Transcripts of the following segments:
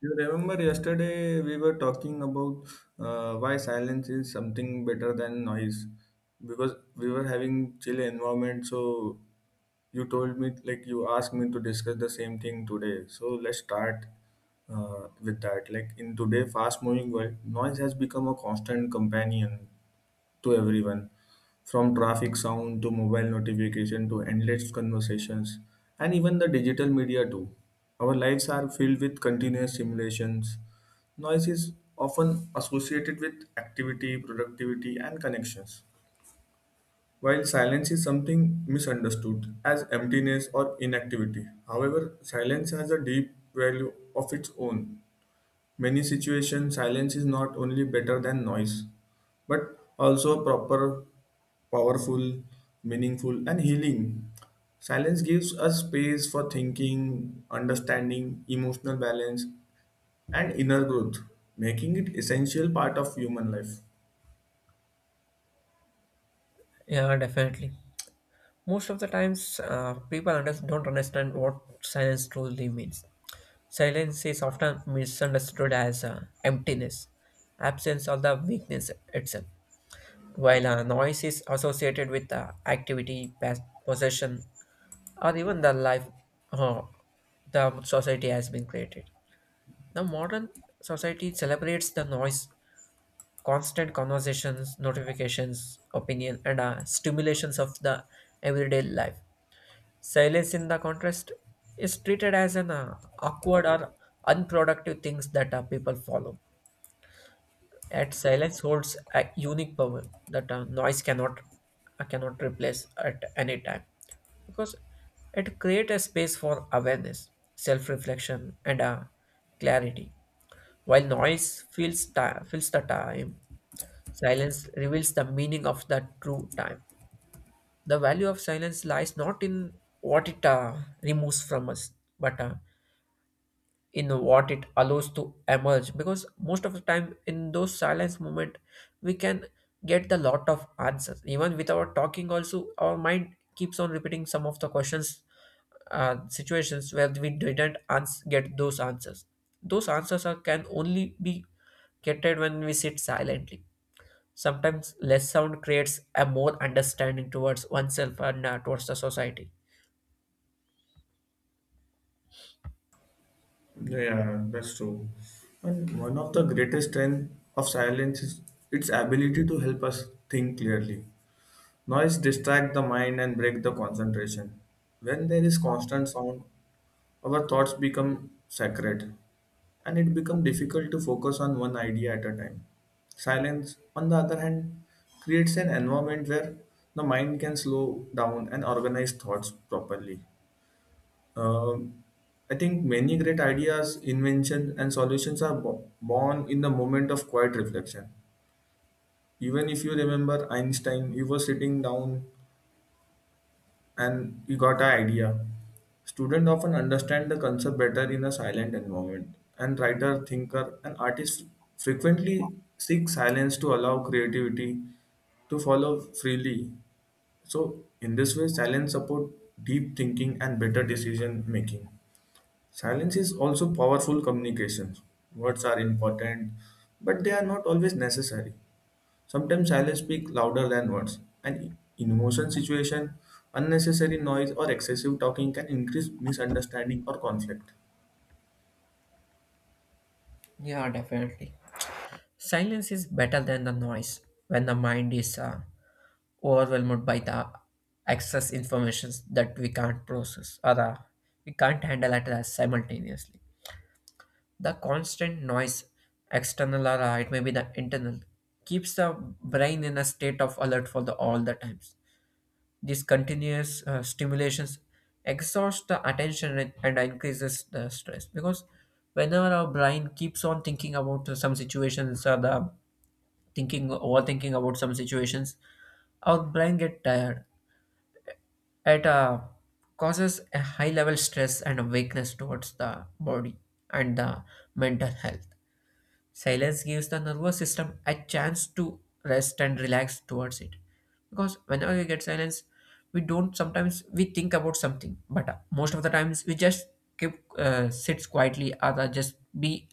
You remember yesterday we were talking about why silence is something better than noise because we were having chill environment. So you told me like you asked me to discuss the same thing today. So let's start with that. Like in today fast moving world, noise has become a constant companion to everyone, from traffic sound to mobile notification to endless conversations, and even the digital media too. Our lives are filled with continuous simulations. Noise is often associated with activity, productivity, and connections. While silence is something misunderstood as emptiness or inactivity, however, silence has a deep value of its own. Many situations, silence is not only better than noise, but also proper, powerful, meaningful, and healing. Silence gives us space for thinking, understanding, emotional balance, and inner growth, making it essential part of human life. Yeah, definitely. Most of the times, don't understand what silence truly means. Silence is often misunderstood as emptiness, absence, or the weakness itself, while noise is associated with activity, possession, or even the life uh, the society has been created. The modern society celebrates the noise, constant conversations, notifications, opinion, and stimulations of the everyday life. Silence, in the contrast, is treated as an awkward or unproductive things that people follow. At silence holds a unique power that noise cannot replace at any time, because it creates a space for awareness, self-reflection, and clarity. While noise fills the time, silence reveals the meaning of the true time. The value of silence lies not in what it removes from us, but in what it allows to emerge. Because most of the time, in those silence moment, we can get the lot of answers. Even without talking, also our mind keeps on repeating some of the questions, situations where we didn't ans- get those answers. Those answers are, can only be get when we sit silently. Sometimes less sound creates a more understanding towards oneself and towards the society. Yeah, that's true. And one of the greatest strength of silence is its ability to help us think clearly. Noise distracts the mind and breaks the concentration. When there is constant sound, our thoughts become sacred and it becomes difficult to focus on one idea at a time. Silence, on the other hand, creates an environment where the mind can slow down and organize thoughts properly. Um, I think many great ideas, inventions, and solutions are born in the moment of quiet reflection. Even if you remember Einstein, he was sitting down and you got an idea. Students often understand the concept better in a silent environment, and writer, thinker, and artist frequently seek silence to allow creativity to follow freely. So, in this way, silence support deep thinking and better decision making. Silence is also powerful communication. Words are important, but they are not always necessary. Sometimes silence speaks louder than words, and in emotion situation, unnecessary noise or excessive talking can increase misunderstanding or conflict. Yeah, definitely. Silence is better than the noise when the mind is overwhelmed by the excess information that we can't process or we can't handle at simultaneously. The constant noise, external or it may be the internal, keeps the brain in a state of alert for the all the times. These continuous stimulations exhaust the attention and increases the stress, because whenever our brain keeps on thinking about some situations or the thinking overthinking about some situations, our brain get tired. It causes a high level stress and a weakness towards the body and the mental health. Silence gives the nervous system a chance to rest and relax towards it. Because whenever we get silence, we don't sometimes we think about something, but most of the times we just keep sits quietly or just be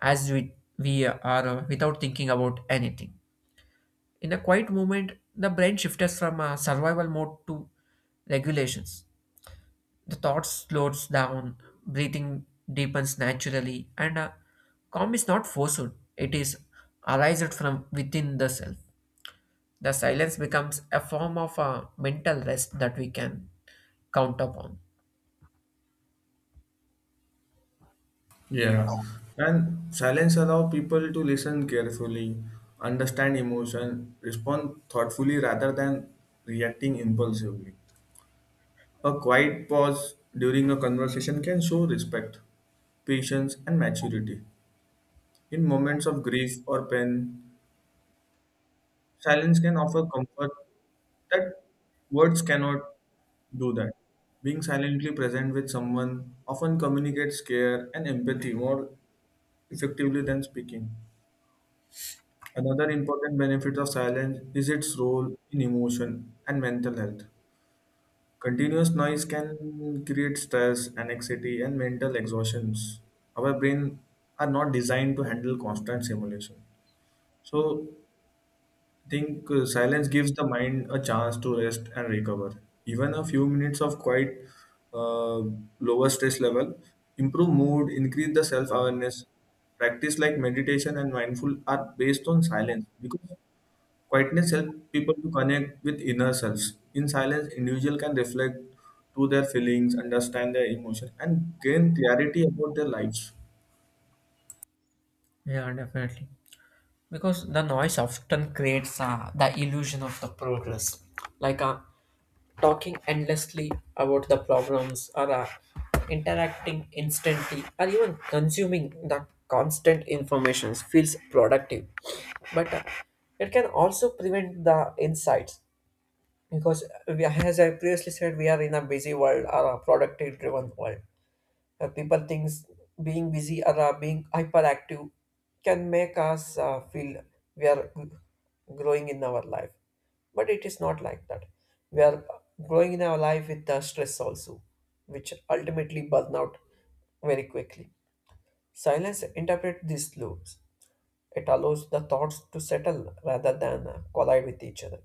as we are without thinking about anything. In a quiet moment, the brain shifts from a survival mode to regulations. The thought slows down, breathing deepens naturally, and calm is not forced, it is arised from within the self. The silence becomes a form of mental rest that we can count upon. Yeah. And silence allows people to listen carefully, understand emotion, respond thoughtfully rather than reacting impulsively. A quiet pause during a conversation can show respect, patience, and maturity. In moments of grief or pain, silence can offer comfort that words cannot do that. Being silently present with someone often communicates care and empathy more effectively than speaking. Another important benefit of silence is its role in emotion and mental health. Continuous noise can create stress, anxiety, and mental exhaustions. Our brain are not designed to handle constant stimulation. So think silence gives the mind a chance to rest and recover. Even a few minutes of quiet, uh, lower stress level, improve mood, increase the self awareness. Practice like meditation and mindful are based on silence because quietness helps people to connect with inner selves. In silence, individual can reflect to their feelings, understand their emotions, and gain clarity about their lives. Yeah, definitely. Because the noise often creates the illusion of the progress, like talking endlessly about the problems or interacting instantly or even consuming the constant information feels productive, but it can also prevent the insights, because we, as I previously said, we are in a busy world or a productive driven world. People thinks being busy or being hyperactive can make us feel we are growing in our life, but it is not like that. We are growing in our life with the stress also, which ultimately burn out very quickly. Silence interpret these loops. It allows the thoughts to settle rather than collide with each other.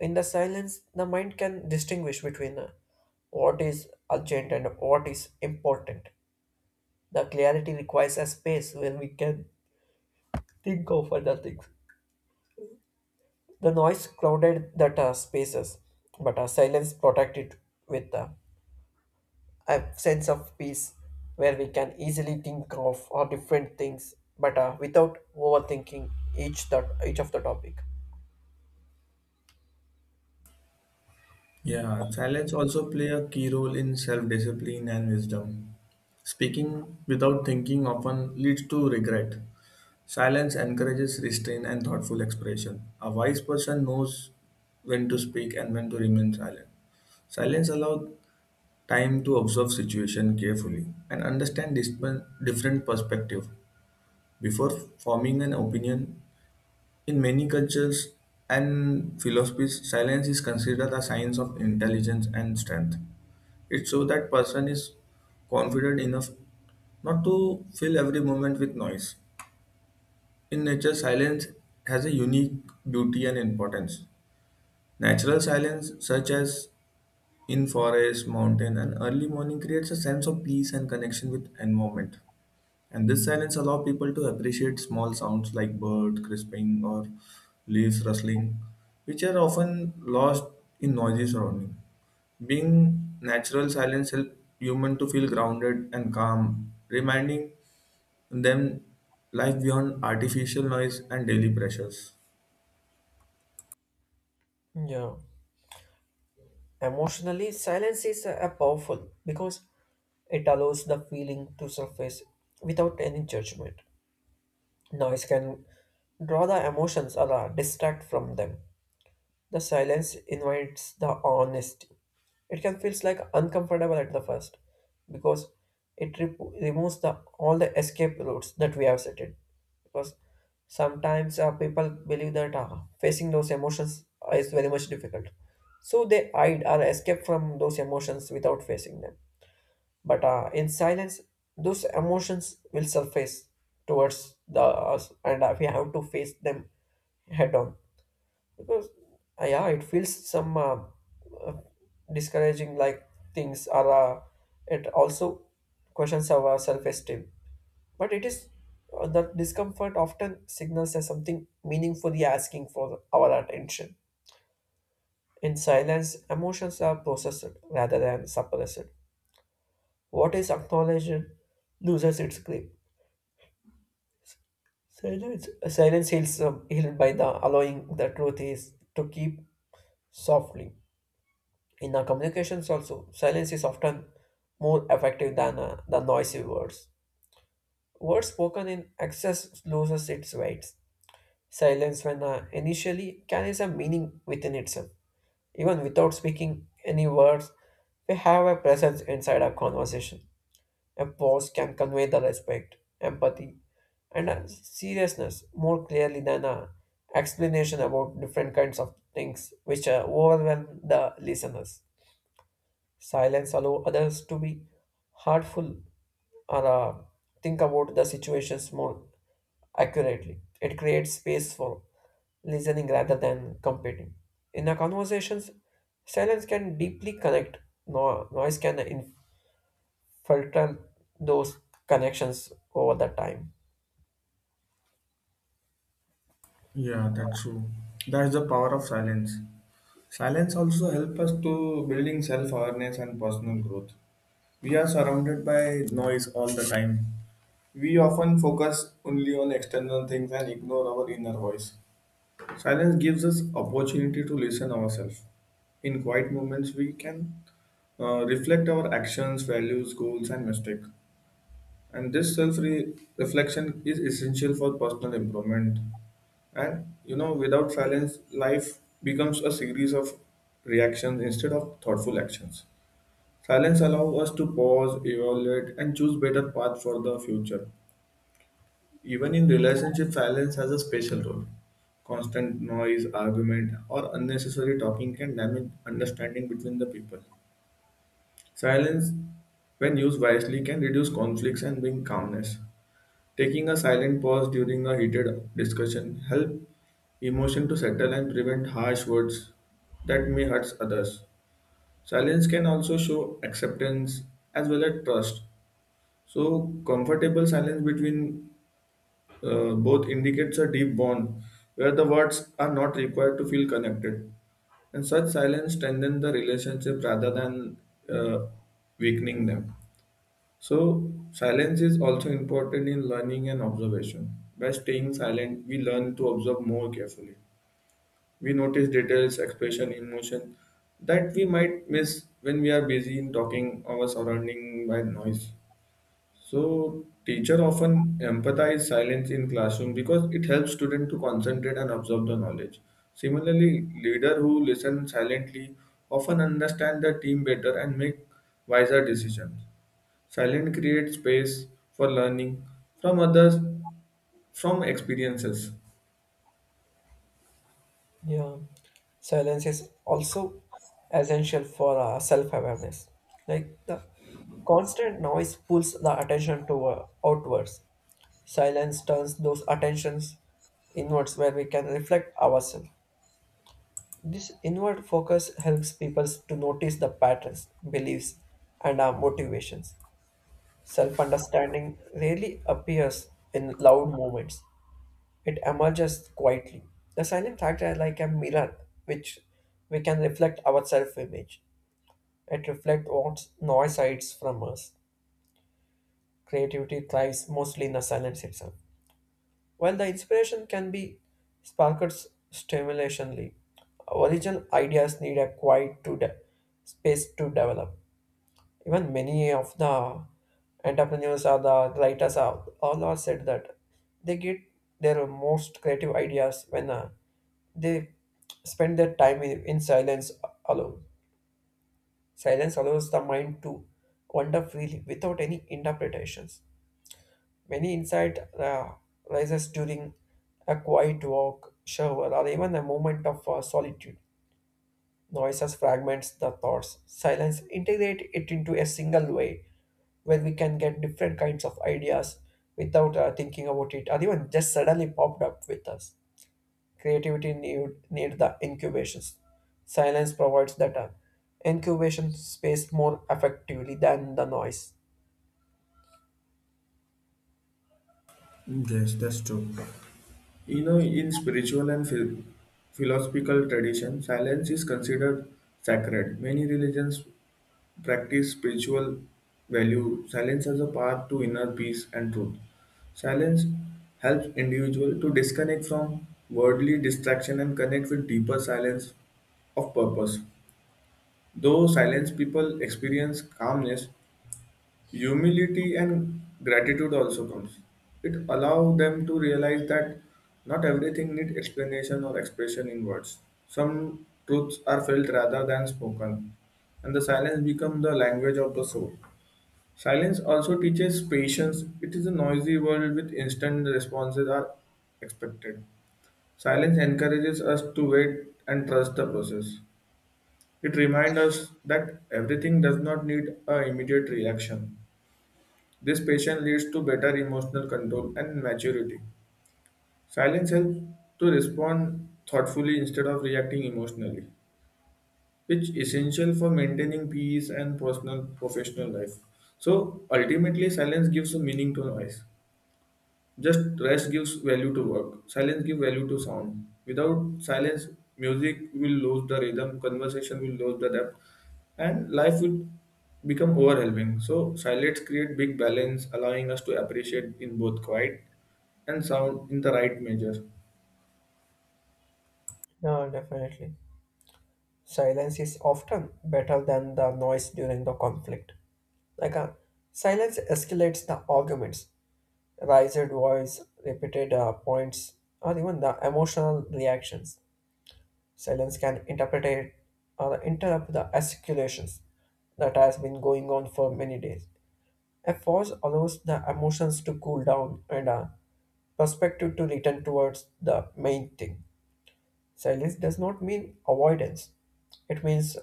In the silence, the mind can distinguish between what is urgent and what is important. The clarity requires a space where we can think of other things. The noise crowded that spaces, but our silence protected with a sense of peace, where we can easily think of our different things, but without overthinking each of the topic. Yeah, silence also play a key role in self-discipline and wisdom. Speaking without thinking often leads to regret. Silence encourages restraint and thoughtful expression. A wise person knows when to speak and when to remain silent. Silence allows time to observe situation carefully and understand different perspective before forming an opinion in many cultures and philosophies, silence is considered a sign of intelligence and strength. It shows that person is confident enough not to fill every moment with noise. In nature, silence has a unique beauty and importance. Natural silence, such as in forest, mountain, and early morning, creates a sense of peace and connection with environment. And this silence allows people to appreciate small sounds like birds crisping or leaves rustling, which are often lost in noisy surrounding. Being natural silence helps human to feel grounded and calm, reminding them life beyond artificial noise and daily pressures. Yeah. Emotionally, silence is powerful because it allows the feeling to surface without any judgment. Noise can draw the emotions or distract from them. The silence invites the honesty. It can feel like uncomfortable at the first, because removes the all the escape routes that we have set it. Because sometimes people believe that facing those emotions is very much difficult, so they hide or escape from those emotions without facing them. But in silence, those emotions will surface towards the us, and we have to face them head on, because yeah, it feels some uh, discouraging, like things are it also questions our self-esteem, but it is the discomfort often signals as something meaningfully asking for our attention. In silence, emotions are processed rather than suppressed. What is acknowledged loses its grip. silence Silence heals, healed by the allowing the truth is to keep softly. In our communications also, silence is often more effective than the noisy words. Words spoken in excess loses its weight. Silence, when initially, carries a meaning within itself. Even without speaking any words, we have a presence inside our conversation. A pause can convey the respect, empathy, and seriousness more clearly than a explanation about different kinds of things which overwhelm the listeners. Silence allow others to be heartful or think about the situations more accurately. It creates space for listening rather than competing. In a conversations, silence can deeply connect. No, noise can infiltrate those connections over the time. Yeah, that's true. That's the power of silence. Silence also helps us to building self-awareness and personal growth. We are surrounded by noise all the time. We often focus only on external things and ignore our inner voice. Silence gives us opportunity to listen ourselves. In quiet moments, we can reflect our actions, values, goals, and mistakes. And this self-reflection is essential for personal improvement. And you know, without silence, life becomes a series of reactions instead of thoughtful actions. Silence allows us to pause, evaluate, and choose better path for the future. Even in relationship, silence has a special role. Constant noise, argument, or unnecessary talking can damage understanding between the people. Silence, when used wisely, can reduce conflicts and bring calmness. Taking a silent pause during a heated discussion help emotion to settle and prevent harsh words that may hurt others. Silence can also show acceptance as well as trust. So, comfortable silence between both indicates a deep bond where the words are not required to feel connected. And such silence strengthens the relationship rather than uh, weakening them. So, silence is also important in learning and observation. By staying silent, we learn to observe more carefully. We notice details, expression, emotion that we might miss when we are busy in talking our surrounding by noise. So teacher often empathize silence in classroom because it helps student to concentrate and absorb the knowledge. Similarly, leader who listen silently often understand the team better and make wiser decisions. Silence creates space for learning from others from experiences. Yeah, silence is also essential for self-awareness. Like the constant noise pulls the attention to outwards. Silence turns those attentions inwards, where we can reflect ourselves. This inward focus helps people to notice the patterns, beliefs, and our motivations. Self understanding rarely appears in loud moments, it emerges quietly. The silent factor is like a mirror which we can reflect our self image. It reflects what noise hides from us. Creativity thrives mostly in the silence itself. While the inspiration can be sparked stimulationally, original ideas need a quiet to space to develop. Even many of the entrepreneurs or the writers are all are said that they get their most creative ideas when they spend their time in silence alone. Silence allows the mind to wander freely without any interpretations. Many insight rises during a quiet walk, shower, or even a moment of solitude. Noises fragments the thoughts. Silence integrate it into a single way where we can get different kinds of ideas without thinking about it, or even just suddenly popped up with us. Creativity need the incubations. Silence provides that incubation space more effectively than the noise. Yes, that's true. You know, in spiritual and philosophical tradition, silence is considered sacred. Many religions practice spiritual value. Silence as a path to inner peace and truth. Silence helps individual to disconnect from worldly distraction and connect with deeper silence of purpose. Though silence people experience calmness, humility and gratitude also comes. It allows them to realize that not everything needs explanation or expression in words. Some truths are felt rather than spoken, and the silence becomes the language of the soul. Silence also teaches patience. It is a noisy world with instant responses are expected. Silence encourages us to wait and trust the process. It reminds us that everything does not need an immediate reaction. This patience leads to better emotional control and maturity. Silence helps to respond thoughtfully instead of reacting emotionally, which is essential for maintaining peace and personal professional life. So ultimately silence gives a meaning to noise. Just rest gives value to work. Silence gives value to sound. Without silence, music will lose the rhythm, conversation will lose the depth, and life will become overwhelming. So silence create big balance, allowing us to appreciate in both quiet and sound in the right measure. No, definitely. Silence is often better than the noise during the conflict. Like a silence escalates the arguments, raised voice, repeated points, or even the emotional reactions. Silence can interpret it or interrupt the escalations that has been going on for many days. A pause allows the emotions to cool down and a perspective to return towards the main thing. Silence does not mean avoidance. It means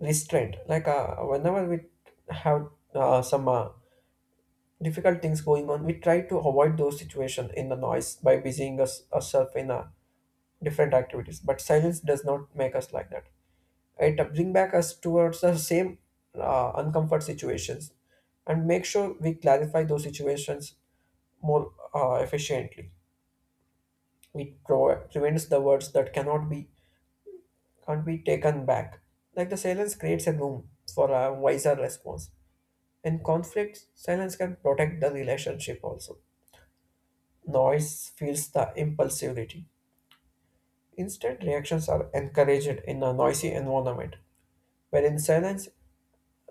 restraint. Like whenever we have some difficult things going on, we try to avoid those situations in the noise by busying us ourselves in different activities. But silence does not make us like that. It bring back us towards the same uncomfort situations, and make sure we clarify those situations more efficiently. Prevents the words that cannot be can't be taken back. Like the silence creates a room for a wiser response. In conflict, silence can protect the relationship also. Noise feels the impulsivity. Instead, reactions are encouraged in a noisy environment, wherein silence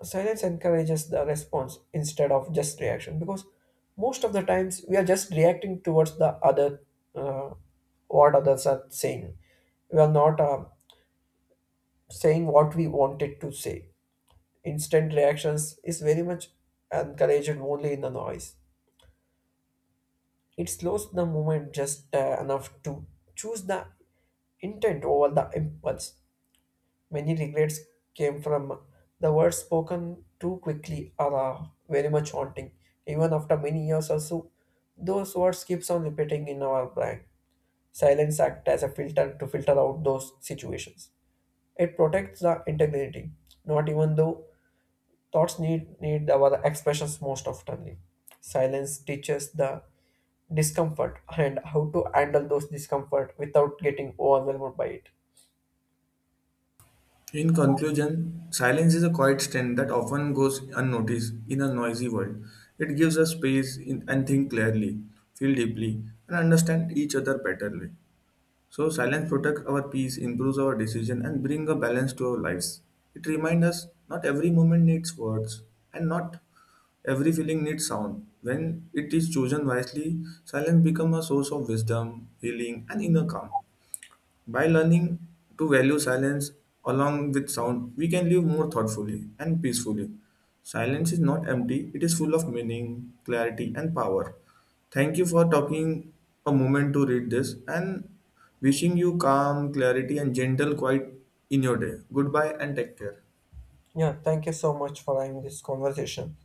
silence encourages the response instead of just reaction. Because most of the times we are just reacting towards the other, uh, what others are saying. We are not saying what we wanted to say. Instant reactions is very much encouraged only in the noise. It slows the movement just enough to choose the intent over the impulse. Many regrets came from the words spoken too quickly or are very much haunting. Even after many years or so, those words keeps on repeating in our brain. Silence acts as a filter to filter out those situations. It protects the integrity. Not even though thoughts need our expressions most oftenly. Silence teaches the discomfort and how to handle those discomfort without getting overwhelmed by it. In conclusion, silence is a quiet strength that often goes unnoticed in a noisy world. It gives us space in, and think clearly, feel deeply, and understand each other betterly. So silence protects our peace, improves our decision, and bring a balance to our lives. It reminds us not every moment needs words, and not every feeling needs sound. When it is chosen wisely, silence becomes a source of wisdom, healing, and inner calm. By learning to value silence along with sound, we can live more thoughtfully and peacefully. Silence is not empty, it is full of meaning, clarity, and power. Thank you for talking a moment to read this and wishing you calm, clarity, and gentle quiet in your day. Goodbye and take care. Yeah, thank you so much for having this conversation.